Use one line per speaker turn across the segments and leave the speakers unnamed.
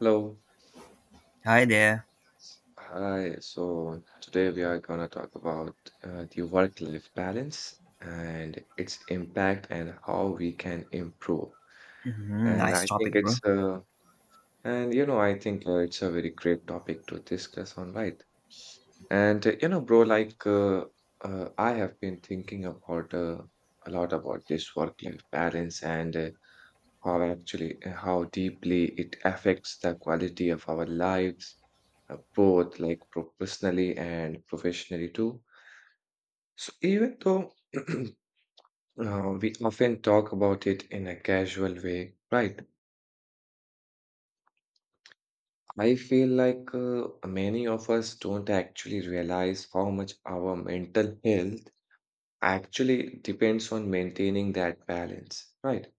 Hello.
Hi there.
Hi. So today we are gonna talk about the work-life balance and its impact and how we can improve.
Mhm,
And
nice
I
topic,
think
bro.
it's and you know I think It's a very great topic to discuss on, right? And bro, I have been thinking about a lot about this work-life balance and how deeply it affects the quality of our lives, both like professionally and professionally too. So even though we often talk about it in a casual way, right? I feel like many of us don't actually realize how much our mental health actually depends on maintaining that balance, right?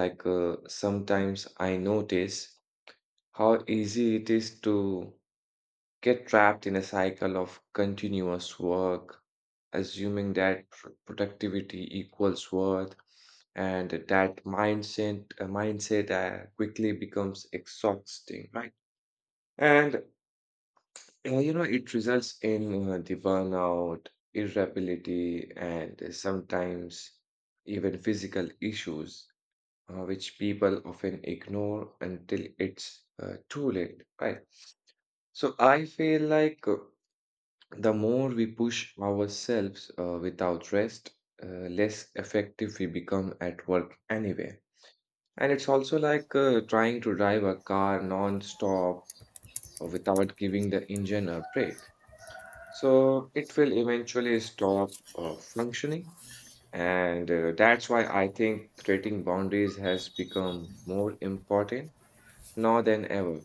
Like, sometimes I notice how easy it is to get trapped in a cycle of continuous work, assuming that productivity equals worth, and that mindset quickly becomes exhausting, right? And it results in the burnout, irritability, and sometimes even physical issues, which people often ignore until it's too late, right? So I feel like the more we push ourselves without rest, less effective we become at work anyway. And it's also like trying to drive a car non stop without giving the engine a break. So it will eventually stop functioning. And that's why I think creating boundaries has become more important now than ever,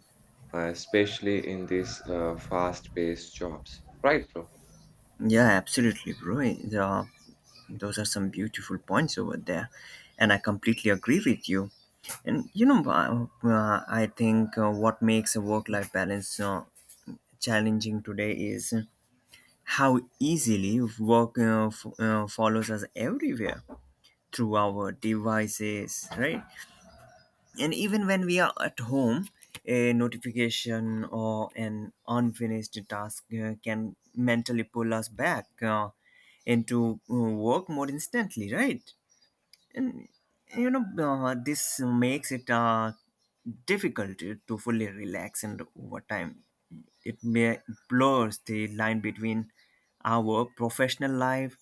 especially in these fast-paced jobs. Right, bro?
Yeah, absolutely, bro. Yeah, those are some beautiful points over there, and I completely agree with you. And I think what makes a work-life balance challenging today is how easily work follows us everywhere through our devices, right? And even when we are at home, a notification or an unfinished task can mentally pull us back into work more instantly, right? And this makes it difficult to fully relax, and over time, it may blurs the line between our professional life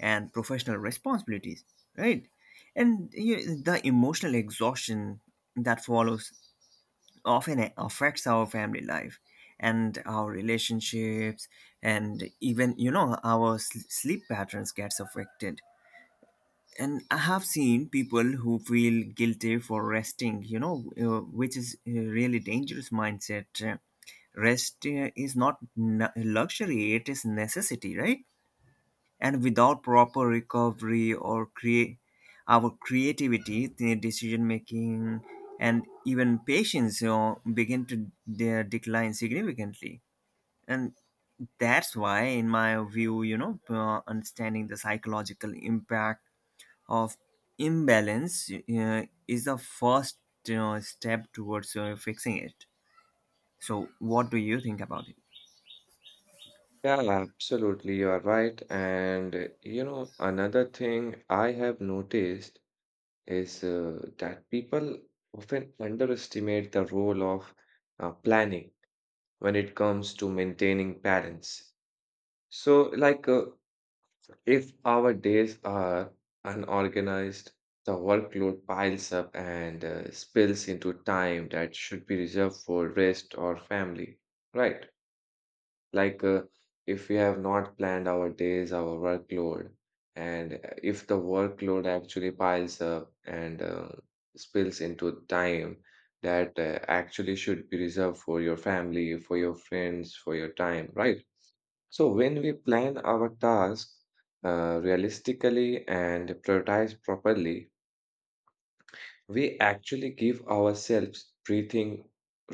and professional responsibilities, right? And you, the emotional exhaustion that follows often affects our family life and our relationships, and even our sleep patterns gets affected. And I have seen people who feel guilty for resting, which is a really dangerous mindset. Rest is not luxury, it is necessity, right? And without proper recovery or create our creativity, the decision making, and even patience, begin to decline significantly. And that's why, in my view, understanding the psychological impact of imbalance is the first step towards fixing it. So, what do you think about it?
Yeah, absolutely. You are right. And another thing I have noticed is that people often underestimate the role of planning when it comes to maintaining balance. So, if our days are unorganized, the workload piles up and spills into time that should be reserved for rest or family, right? Like, if we have not planned our days, our workload, and if the workload actually piles up and spills into time that actually should be reserved for your family, for your friends, for your time, right? So when we plan our tasks realistically and prioritize properly, we actually give ourselves breathing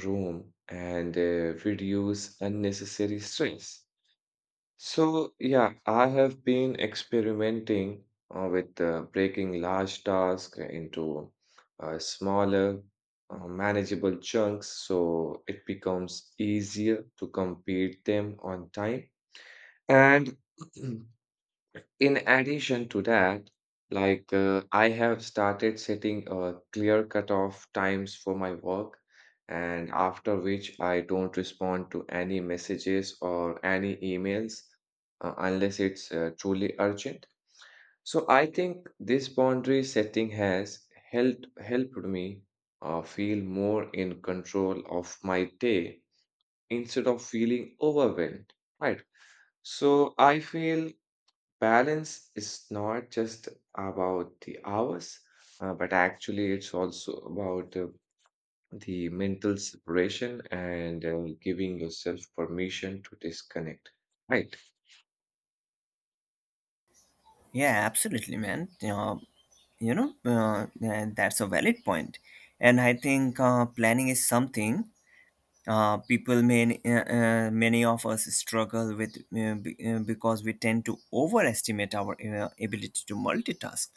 room and reduce unnecessary stress. So yeah, I have been experimenting with breaking large tasks into smaller, manageable chunks so it becomes easier to complete them on time. And in addition to that, like I have started setting clear cutoff times for my work, and after which I don't respond to any messages or any emails unless it's truly urgent. So I think this boundary setting has helped me feel more in control of my day instead of feeling overwhelmed, right? So I feel balance is not just about the hours, but actually, it's also about the mental separation and giving yourself permission to disconnect. Right.
Yeah, absolutely, man. That's a valid point. And I think planning is something people, many of us struggle with because we tend to overestimate our ability to multitask.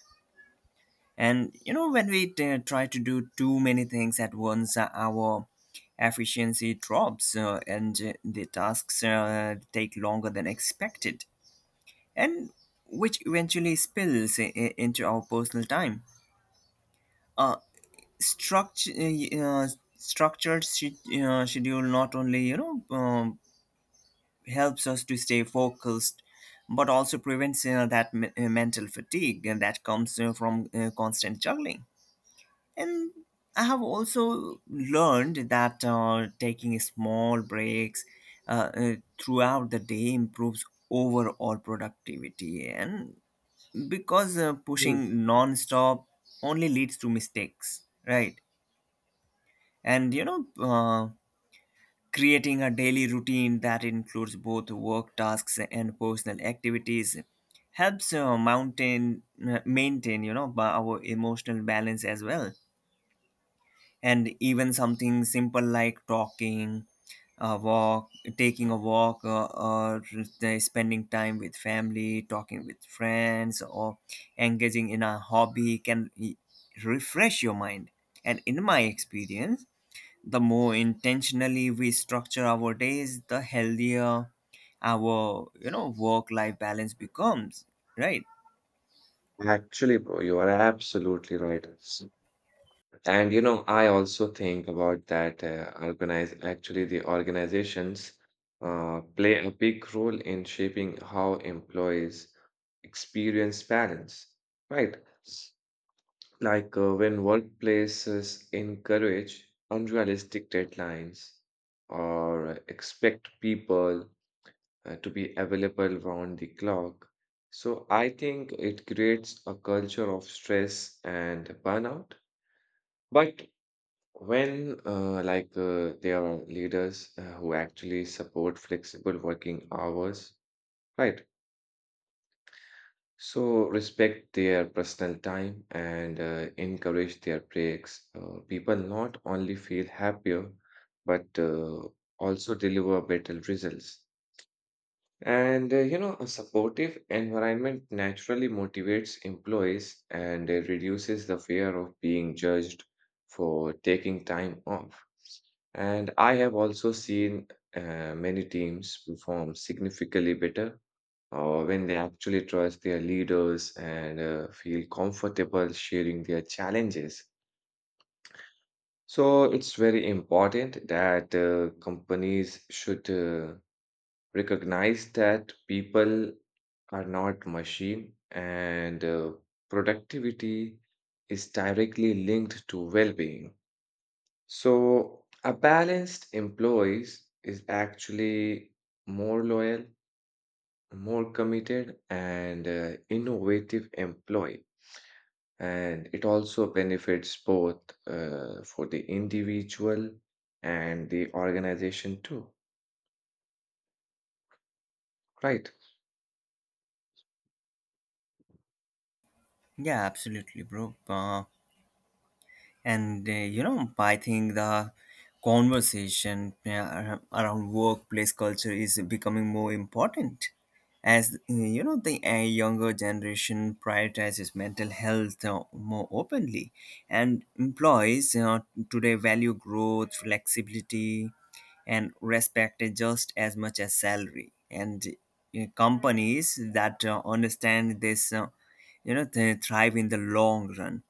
And when we try to do too many things at once, our efficiency drops and the tasks take longer than expected, and which eventually spills into our personal time. Uh, structure, uh, structured schedule not only helps us to stay focused, but also prevents that mental fatigue that comes from constant juggling. And I have also learned that taking small breaks uh, uh, throughout the day improves overall productivity. And because
Mm.
pushing non-stop only leads to mistakes, right? And creating a daily routine that includes both work tasks and personal activities helps mountain maintain our emotional balance as well, and even something simple like talking a walk taking a walk or the spending time with family, talking with friends, or engaging in a hobby can refresh your mind. And in my experience, the more intentionally we structure our days, the healthier our work life balance becomes, right?
Actually, bro, you are absolutely right. And you know, I also think about that organize actually the organizations play a big role in shaping how employees experience balance, right? Like, when workplaces encourage unrealistic deadlines or expect people to be available round the clock. So I think it creates a culture of stress and burnout. But when there are leaders who actually support flexible working hours, right? So respect their personal time and encourage their breaks. People not only feel happier, but also deliver better results. And a supportive environment naturally motivates employees and reduces the fear of being judged for taking time off. And I have also seen many teams perform significantly better or when they actually trust their leaders and feel comfortable sharing their challenges. So it's very important that companies should recognize that people are not machine and productivity is directly linked to well-being. So a balanced employees is actually more loyal, more committed, and innovative employee. And it also benefits both for the individual and the organization too, right?
Yeah, absolutely, bro. And I think the conversation around workplace culture is becoming more important, as the younger generation prioritizes mental health more openly. And employees today value growth, flexibility, and respect it just as much as salary. And companies that understand this they thrive in the long run.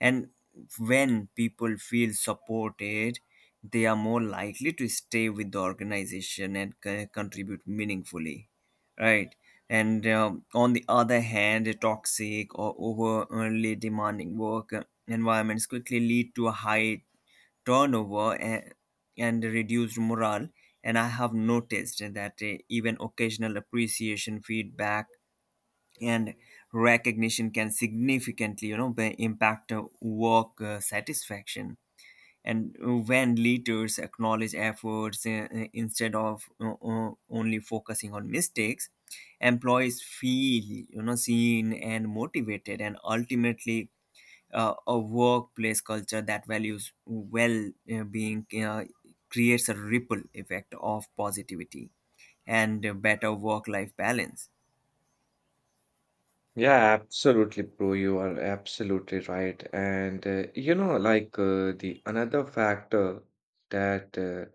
And when people feel supported, they are more likely to stay with the organization and contribute meaningfully, right? And on the other hand, a toxic or overly demanding work environments quickly lead to a high turnover and reduced morale. And I have noticed that even occasional appreciation, feedback, and recognition can significantly impact work satisfaction. And when leaders acknowledge efforts, instead of only focusing on mistakes, employees feel seen and motivated. And ultimately, a workplace culture that values well being creates a ripple effect of positivity and better work life balance.
Yeah, absolutely, bro. You are absolutely right. And the another factor that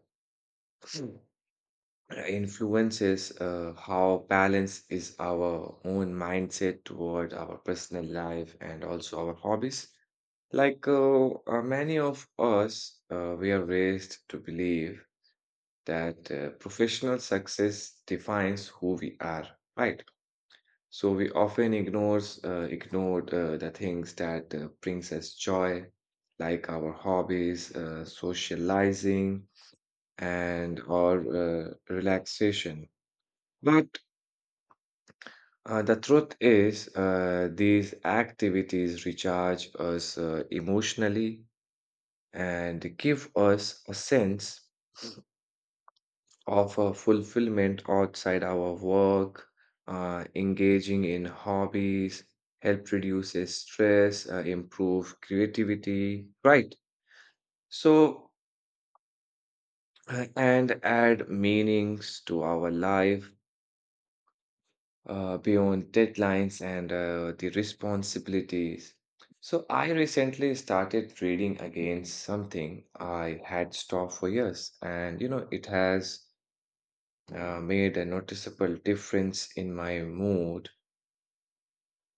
influences how balanced is our own mindset toward our personal life and also our hobbies. Like, many of us, we are raised to believe that professional success defines who we are, right? So we often ignores ignored the things that brings us joy, like our hobbies, socializing and or relaxation. But the truth is, these activities recharge us emotionally and give us a sense of fulfillment outside our work. Engaging in hobbies help reduce stress, improve creativity, right? So, and add meanings to our life beyond deadlines and the responsibilities. So, I recently started reading again, something I had stopped for years, and you know, it has made a noticeable difference in my mood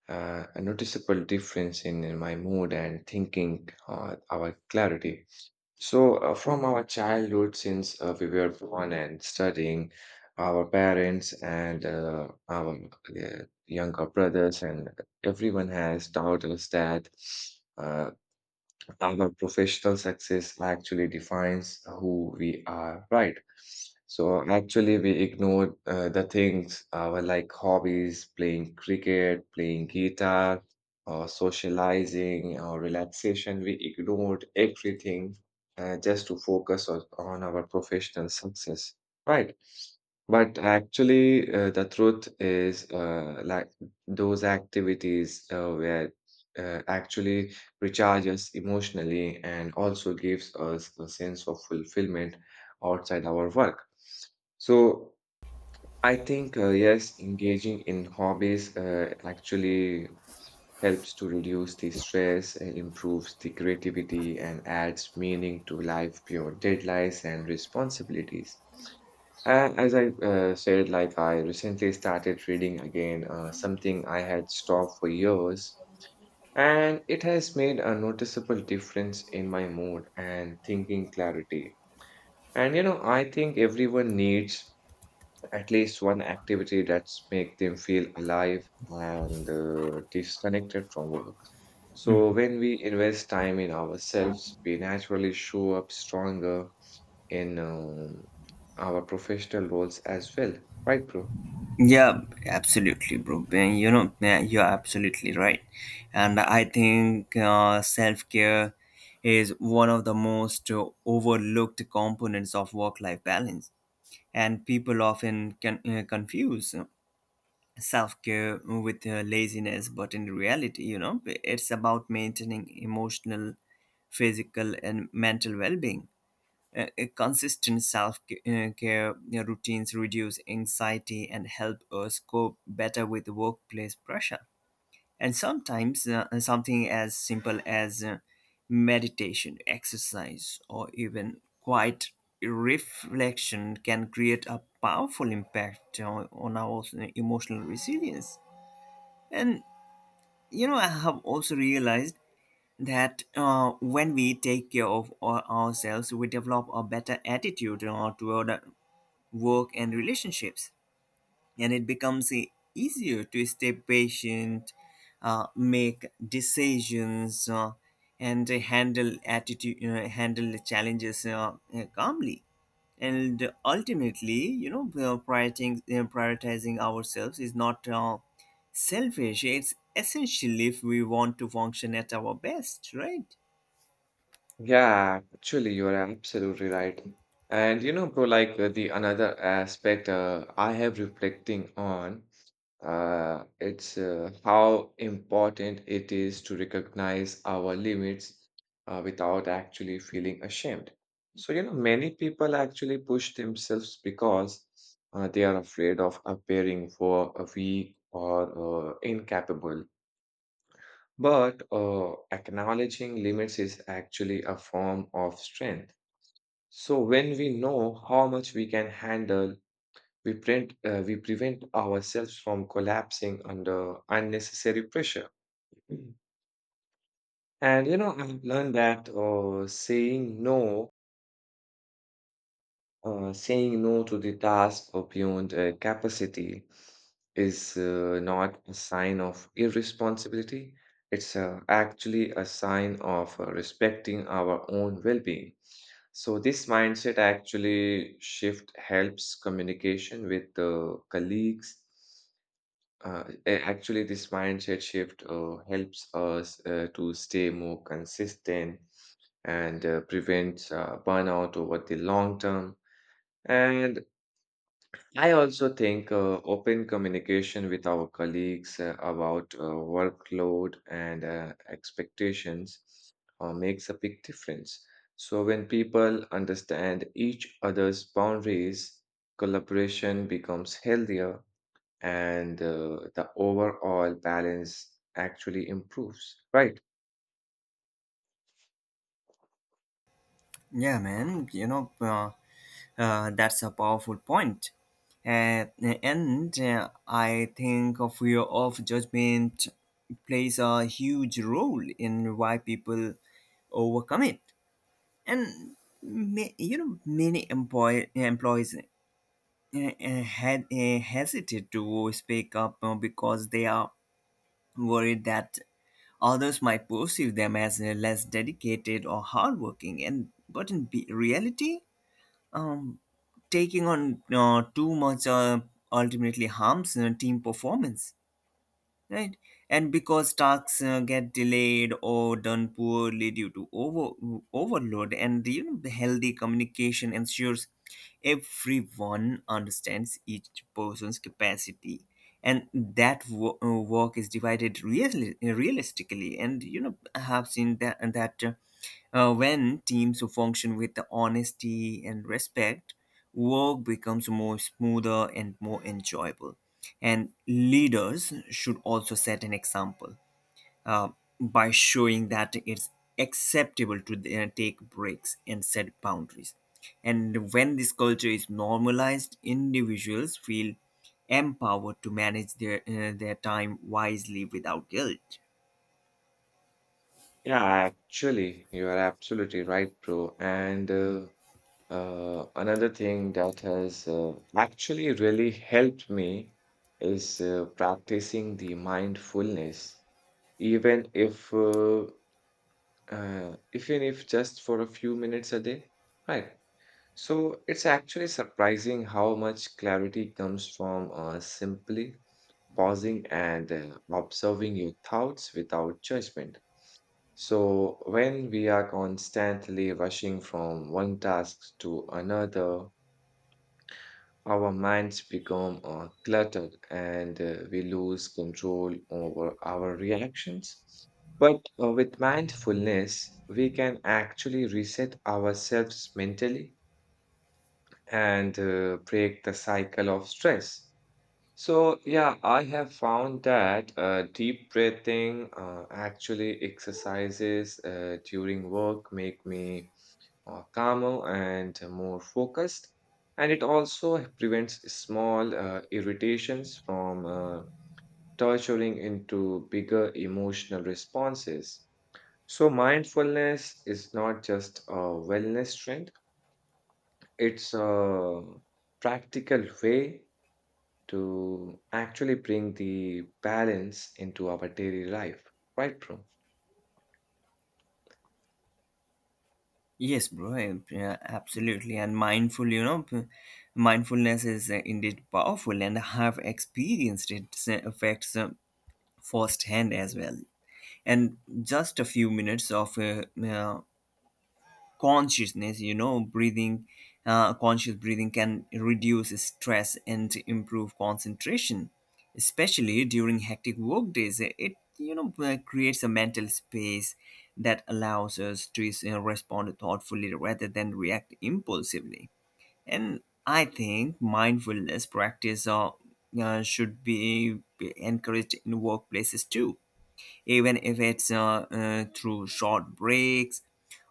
uh, a noticeable difference in my mood and thinking, our clarity. So, from our childhood, since we were born and studying, our parents and our younger brothers and everyone has taught us that. Uh, our professional success actually defines who we are, right? So actually, we ignore the things our like hobbies, playing cricket, playing guitar, or socializing or relaxation. We ignored everything just to focus on our professional success, right? But actually, the truth is, those activities were actually recharges emotionally and also gives us a sense of fulfillment outside our work. So I think, yes, engaging in hobbies actually helps to reduce the stress, improves the creativity, and adds meaning to life beyond deadlines and responsibilities. As I said, like I recently started reading again, something I had stopped for years. And it has made a noticeable difference in my mood and thinking clarity. And you know, I think everyone needs at least one activity that's make them feel alive and disconnected from work. So when we invest time in ourselves, we naturally show up stronger in our professional roles as well. Right, bro?
Yeah, absolutely, bro. You know, man, you're absolutely right. And I think self care is one of the most overlooked components of work life balance. And people often can confuse self care with laziness, but in reality, it's about maintaining emotional, physical, and mental well being. Consistent self-care routines reduce anxiety and help us cope better with workplace pressure. And sometimes something as simple as meditation, exercise, or even quiet reflection can create a powerful impact on our emotional resilience. And I have also realized that when we take care of ourselves, we develop a better attitude toward work and relationships, and it becomes easier to stay patient, make decisions, and handle the challenges calmly. And ultimately, prioritizing ourselves is not selfish. It's essential if we want to function at our best, right?
Yeah, actually, you're absolutely right. And you know, bro, the another aspect I have reflecting on, it's how important it is to recognize our limits without actually feeling ashamed. So, you know, many people actually push themselves because they are afraid of appearing for a weak or incapable. But acknowledging limits is actually a form of strength. So when we know how much we can handle, we prevent ourselves from collapsing under unnecessary pressure. Mhm. And you know, I've learned that saying no, saying no to the task or beyond capacity is not a sign of irresponsibility. It's actually a sign of respecting our own well-being. So this mindset actually shift helps communication with colleagues. Actually, this mindset shift helps us to stay more consistent and prevents burnout over the long term. And I also think open communication with our colleagues about workload and expectations makes a big difference. So, when people understand each other's boundaries, collaboration becomes healthier and the overall balance actually improves. Right.
Yeah, man. That's a powerful point. At the end, I think of fear of judgment plays a huge role in why people overcome it. And many employees had hesitate to speak up because they are worried that others might perceive them as less dedicated or hardworking. And but in reality. Um, Taking on too much ultimately harms team performance, right? And because tasks get delayed or done poorly due to overload. And the healthy communication ensures everyone understands each person's capacity, and that work is divided realistically. And I have seen that, and that when teams function with the honesty and respect, work becomes more smoother and more enjoyable. And leaders should also set an example uh, by showing that it's acceptable to take breaks and set boundaries. And when this culture is normalized, individuals feel empowered to manage their time wisely without guilt.
Yeah, actually, you are absolutely right, bro. And another thing that has actually really helped me is practicing the mindfulness, even if uh, even if just for a few minutes a day, right? So it's actually surprising how much clarity comes from simply pausing and observing your thoughts without judgment. So when we are constantly rushing from one task to another, our minds become cluttered and we lose control over our reactions. But with mindfulness, we can actually reset ourselves mentally and break the cycle of stress. So, yeah, I have found that deep breathing, actually exercises during work make me calmer and more focused. And it also prevents small irritations from torturing into bigger emotional responses. So, mindfulness is not just a wellness trend, it's a practical way to actually bring the balance into our daily life. Right, bro?
Yes, bro, yeah, absolutely. And mindfulness is indeed powerful, and I have experienced its effects firsthand as well. And just a few minutes of consciousness you know breathing conscious breathing can reduce stress and improve concentration, especially during hectic work days. It creates a mental space that allows us to you respond thoughtfully rather than react impulsively. And I think mindfulness practice should be encouraged in workplaces too, even if it's through short breaks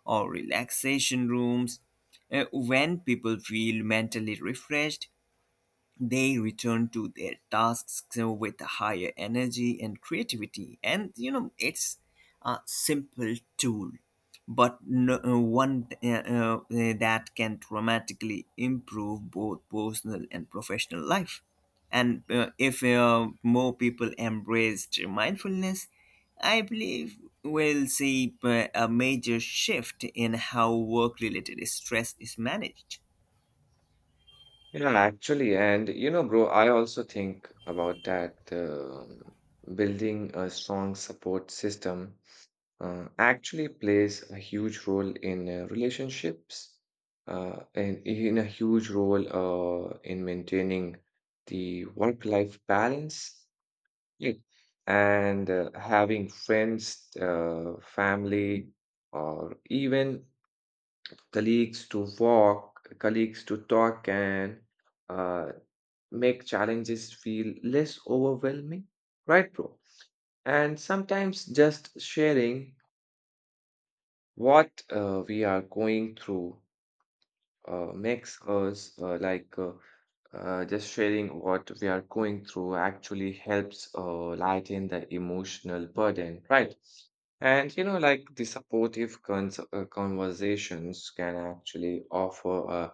or relaxation rooms. When people feel mentally refreshed, they return to their tasks so with a higher energy and creativity. And it's a simple tool, but no, one that can dramatically improve both personal and professional life. And if more people embraced mindfulness, I believe we'll see a major shift in how work related stress is managed.
Yeah, actually, and you know, bro, I also think about that building a strong support system actually plays a huge role in relationships, and in a huge role in maintaining the work-life balance, yeah. And having friends, family, or even colleagues to walk, colleagues to talk and. Uh, Make challenges feel less overwhelming, right, bro? And sometimes just sharing what we are going through makes us like just sharing what we are going through actually helps lighten the emotional burden, right? And like the supportive cons conversations can actually offer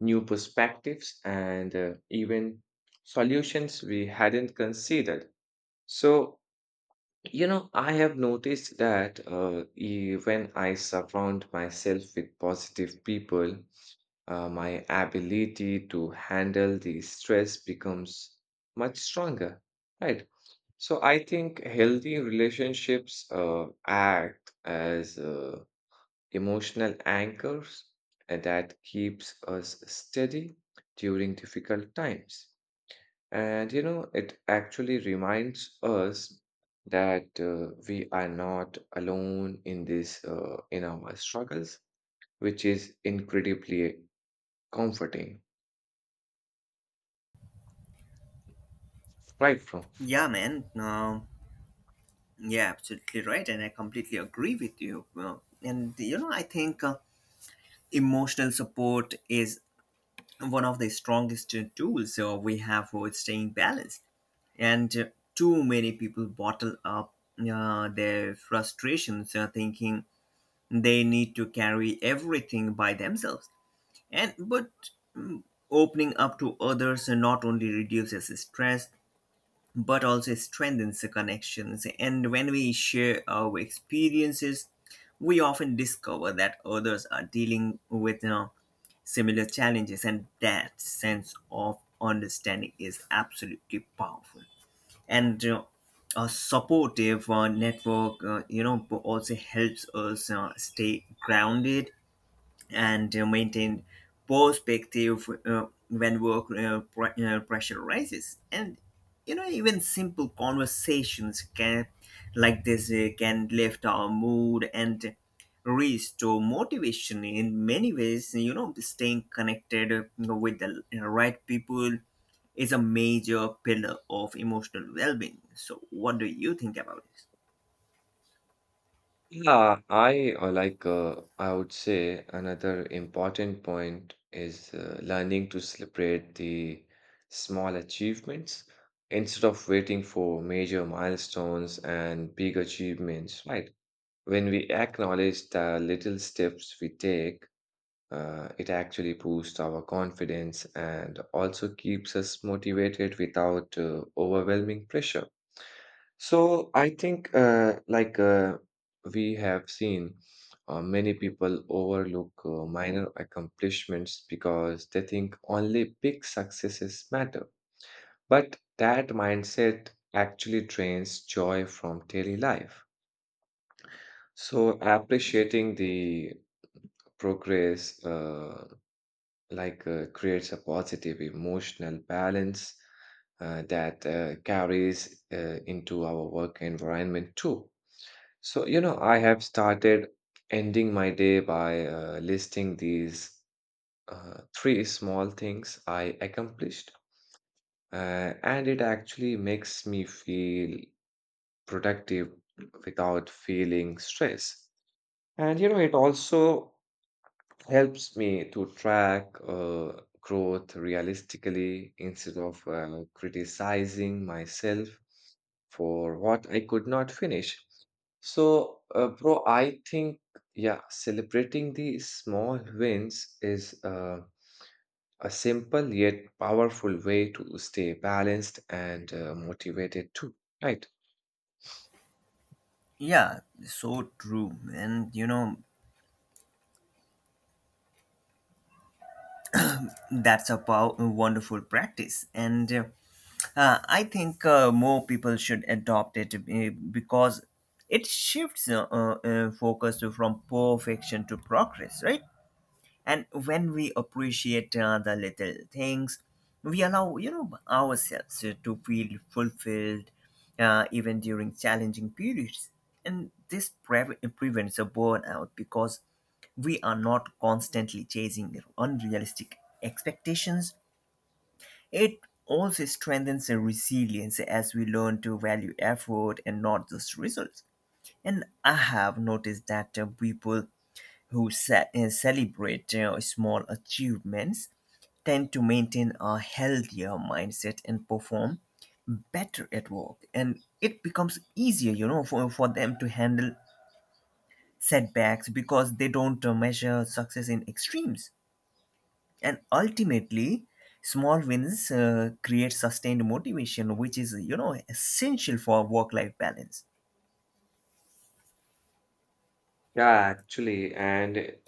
new perspectives and even solutions we hadn't considered. So, I have noticed that when I surround myself with positive people, my ability to handle the stress becomes much stronger, right? So I think healthy relationships act as emotional anchors and that keeps us steady during difficult times. And it actually reminds us that we are not alone in this, in our struggles, which is incredibly comforting. Right, bro?
yeah man Um Yeah, absolutely right, and I completely agree with you. I think emotional support is one of the strongest tools we have for staying balanced. And too many people bottle up their frustrations, thinking they need to carry everything by themselves. And but opening up to others not only reduces stress but also strengthens the connections. And when we share our experiences, we often discover that others are dealing with, similar challenges, and that sense of understanding is absolutely powerful. And a supportive network, also helps us stay grounded and maintain perspective when work pressure rises. And even simple conversations can like this can lift our mood and restore motivation. In many ways, staying connected with the right people is a major pillar of emotional well-being. So what do you think about this?
Yeah, I would say another important point is learning to celebrate the small achievements instead of waiting for major milestones and big achievements, right? When we acknowledge the little steps we take, it actually boosts our confidence and also keeps us motivated without overwhelming pressure. So I think, we have seen, many people overlook minor accomplishments because they think only big successes matter. But that mindset actually drains joy from daily life. So appreciating the progress creates a positive emotional balance that carries into our work environment too. So, I have started ending my day by listing these three small things I accomplished, and it actually makes me feel productive without feeling stress. And, it also helps me to track growth realistically instead of criticizing myself for what I could not finish. So, bro, I think, yeah, celebrating the small wins is a simple yet powerful way to stay balanced and motivated too, right?
Yeah, so true. And that's a wonderful practice. And I think more people should adopt it because it shifts focus from perfection to progress, right? And when we appreciate the little things, we allow ourselves to feel fulfilled, even during challenging periods. And this prevents a burnout because we are not constantly chasing unrealistic expectations. It also strengthens our resilience as we learn to value effort and not just results. And I have noticed that people who celebrate small achievements tend to maintain a healthier mindset and perform better at work. And it becomes easier, for them to handle setbacks because they don't measure success in extremes. And ultimately, small wins create sustained motivation, which is essential for work life balance.
Yeah, actually, and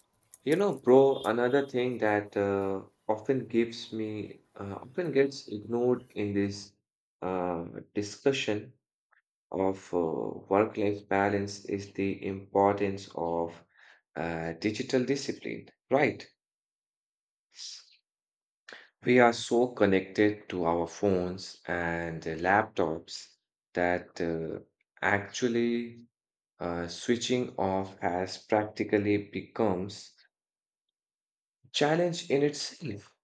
bro, another thing that often gives me often gets ignored in this uh, discussion of work-life balance is the importance of digital discipline, right? We are so connected to our phones and laptops that actually switching off has practically becomes challenge in itself.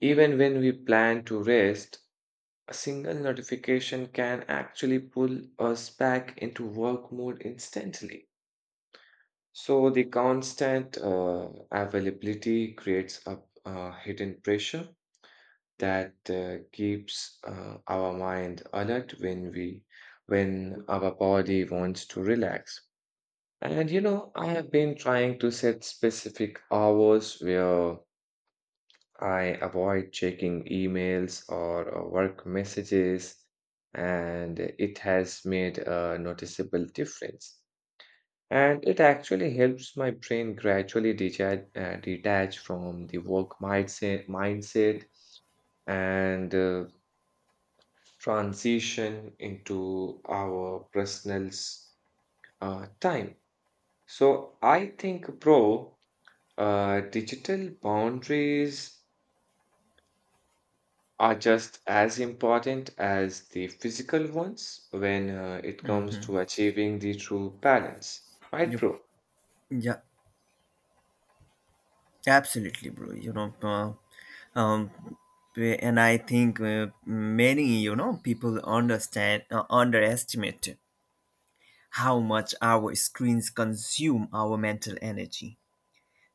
Even when we plan to rest, a single notification can actually pull us back into work mode instantly. So, the constant availability creates a hidden pressure that keeps our mind alert when we when our body wants to relax. And I have been trying to set specific hours where I avoid checking emails or work messages, and it has made a noticeable difference. And it actually helps my brain gradually detach from the work mindset and transition into our personal time. So I think, bro, digital boundaries are just as important as the physical ones when it comes to achieving the true balance. Right,
Yep.
bro?
Yeah, absolutely, bro. You know, um, and I think many, people underestimate how much our screens consume our mental energy.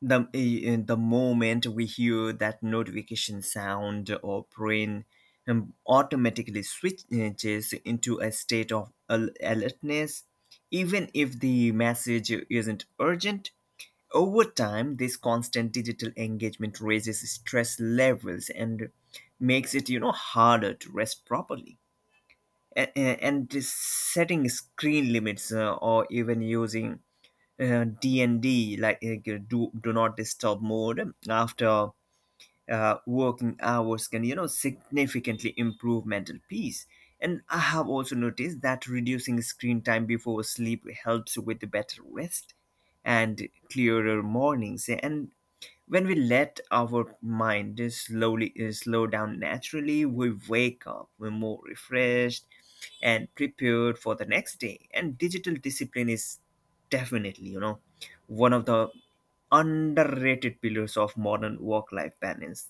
The moment we hear that notification sound, our brain automatically switches into a state of alertness, even if the message isn't urgent. Over time, this constant digital engagement raises stress levels and makes it harder to rest properly. And setting screen limits, or even using D&D, like do not disturb mode after working hours can significantly improve mental peace. And I have also noticed that reducing screen time before sleep helps with better rest and clearer mornings. And when we let our mind just slowly slow down naturally, we wake up we're more refreshed and prepared for the next day. And digital discipline is definitely, one of the underrated pillars of modern work life balance.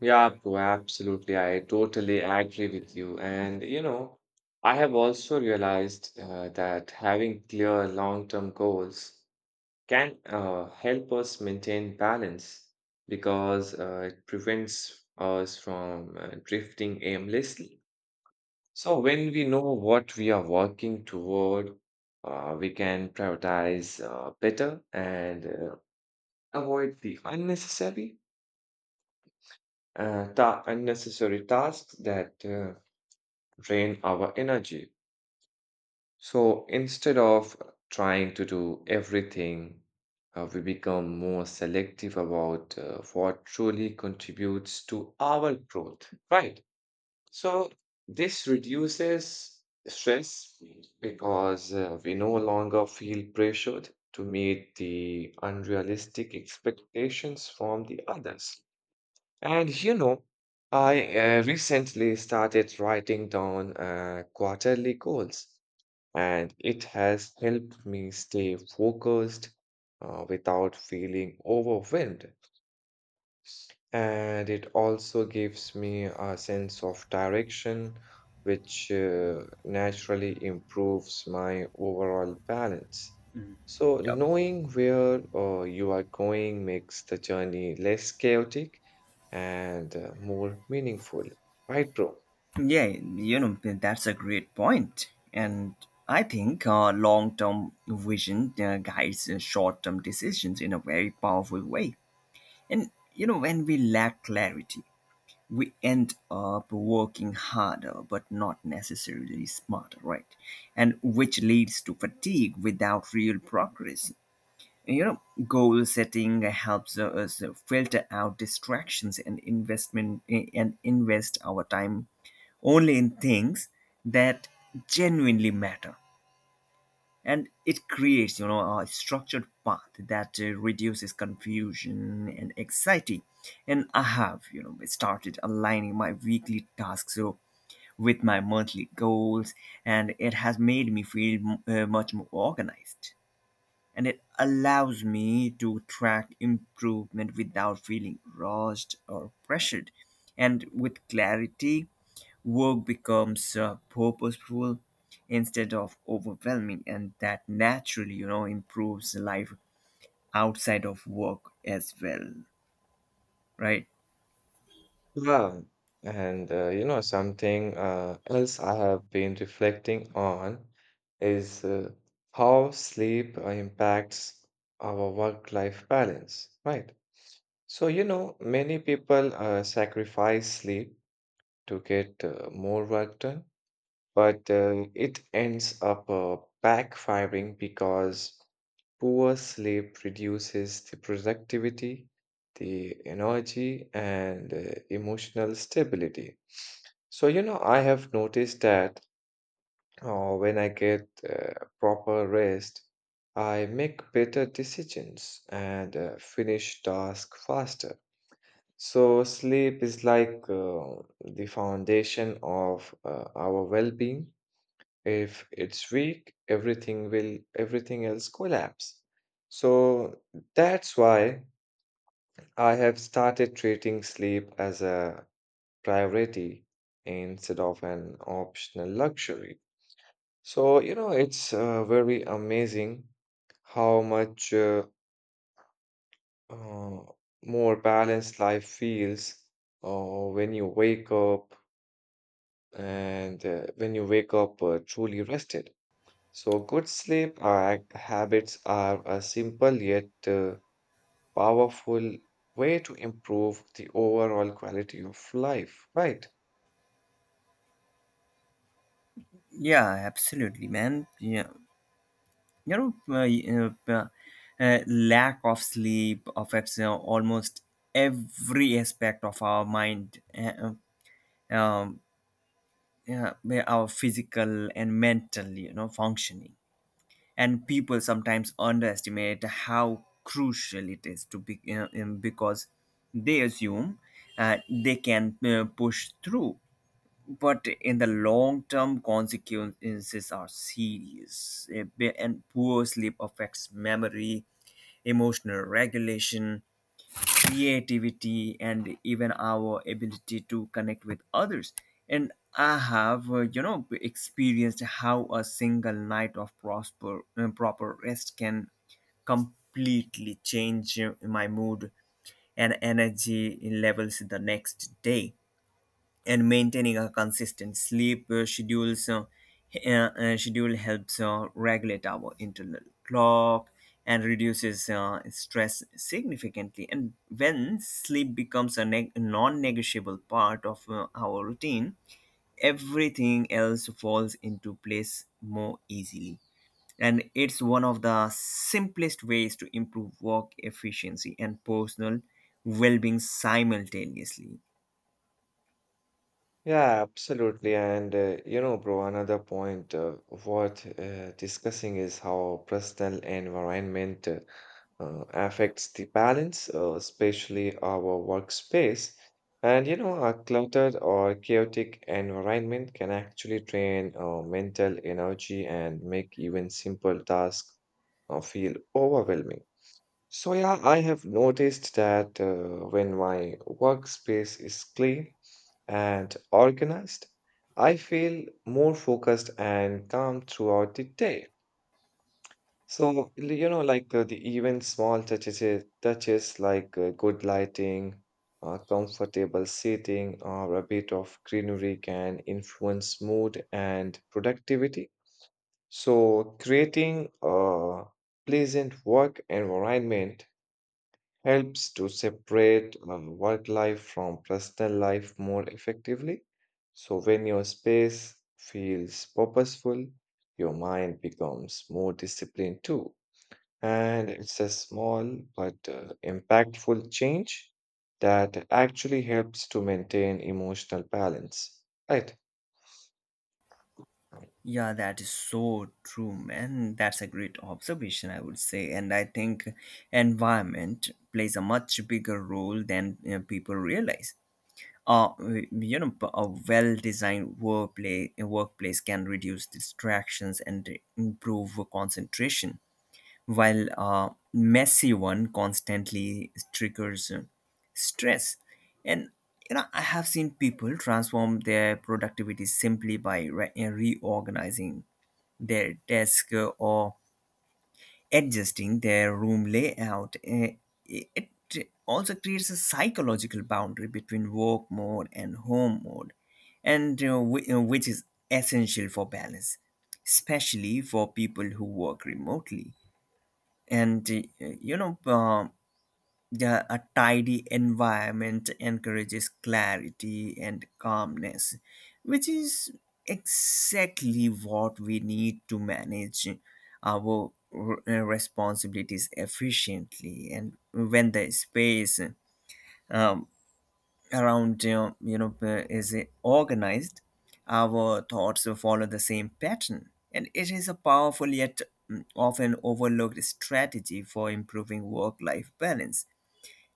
Yeah, bro, absolutely. I totally agree with you. And, I have also realized that having clear long-term goals can help us maintain balance because it prevents us from drifting aimlessly. So when we know what we are working toward, we can prioritize better and avoid the unnecessary unnecessary tasks that drain our energy. So instead of trying to do everything, we become more selective about what truly contributes to our growth, right? So this reduces stress because we no longer feel pressured to meet the unrealistic expectations from the others. And I recently started writing down quarterly goals, and it has helped me stay focused without feeling overwhelmed. And it also gives me a sense of direction, which naturally improves my overall balance. So,
Yep.
knowing where you are going makes the journey less chaotic and more meaningful, right, bro?
Yeah, you know, that's a great point. And I think long-term vision guides short-term decisions in a very powerful way. And you know, when we lack clarity, we end up working harder but not necessarily smarter, right? And which leads to fatigue without real progress. You know, goal setting helps us filter out distractions and invest our time only in things that genuinely matter. And it creates, you know, a structured path that reduces confusion and anxiety. And I have, you know, started aligning my weekly tasks so with my monthly goals, and it has made me feel much more organized, and it allows me to track improvement without feeling rushed or pressured. And with clarity, work becomes purposeful instead of overwhelming, and that naturally, you know, improves life outside of work as well, right?
Yeah, and something else I have been reflecting on is how sleep impacts our work-life balance, right? So, many people sacrifice sleep to get more work done, but it ends up backfiring because poor sleep reduces the productivity, the energy, and emotional stability. So, I have noticed that when I get proper rest, I make better decisions and finish tasks faster. So, sleep is like the foundation of our well being. If it's weak, everything will, everything else collapse. So that's why I have started treating sleep as a priority instead of an optional luxury. So, it's very amazing how much uh, more balanced life feels uh, when you wake up when you wake up truly rested. So, good sleep act habits are a simple yet powerful way to improve the overall quality of life, right?
Yeah, absolutely, man. Yeah, you know, lack of sleep affects almost every aspect of our mind. Um, yeah, may our physical and mental, you know, functioning. And people sometimes underestimate how crucial it is to be, because they assume they can push through, but in the long term consequences are serious. And poor sleep affects memory, emotional regulation, creativity, and even our ability to connect with others. And I have, you know, experienced how a single night of prosper proper rest can completely change my mood and energy levels the next day. And maintaining a consistent sleep schedules schedule helps regulate our internal clock and reduces stress significantly. And when sleep becomes a neg non-negotiable part of our routine, everything else falls into place more easily. And it's one of the simplest ways to improve work efficiency and personal well-being simultaneously.
Yeah, absolutely. And bro, another point worth discussing is how personal environment affects the balance, especially our workspace. And a cluttered or chaotic environment can actually drain mental energy and make even simple tasks feel overwhelming. So, yeah, I have noticed that when my workspace is clean and organized, I feel more focused and calm throughout the day. So, the even small touches like good lighting, comfortable seating, or a bit of greenery can influence mood and productivity. So, creating a pleasant work environment helps to separate work life from personal life more effectively. So, when your space feels purposeful, your mind becomes more disciplined too. And it's a small but impactful change that actually helps to maintain emotional balance. Right.
Yeah, that is so true, man. That's a great observation, I would say. And I think environment plays a much bigger role than, you know, people realize. Uh, you know, a well-designed workplace workplace can reduce distractions and improve concentration, while a messy one constantly triggers stress. And you know, I have seen people transform their productivity simply by reorganizing their desk, or adjusting their room layout. It also creates a psychological boundary between work mode and home mode, and which is essential for balance, especially for people who work remotely. And you know, yeah, a tidy environment encourages clarity and calmness, which is exactly what we need to manage our responsibilities efficiently. And when the space, um, around, is organized, our thoughts will follow the same pattern. And it is a powerful yet, often overlooked strategy for improving work life balance.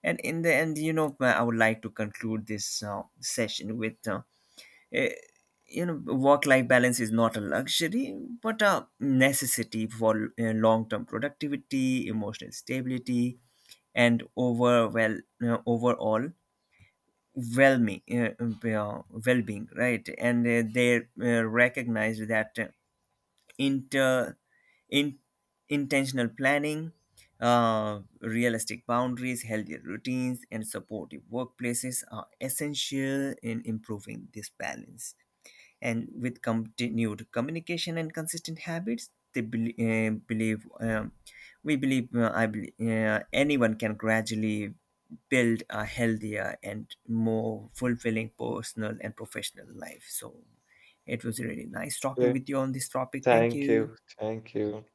And in the end, you know, I would like to conclude this session with, eh, you know, work-life balance is not a luxury, but a necessity for long-term productivity, emotional stability, and overall well-being, right? And they recognize that inter in, intentional planning, realistic boundaries, healthy routines and supportive workplaces are essential in improving this balance. And with continued communication and consistent habits, they bel believe we believe I believe anyone can gradually build a healthier and more fulfilling personal and professional life. So it was really nice talking
Okay.
with you on this topic. Thank
Thank
you.
you. Thank you.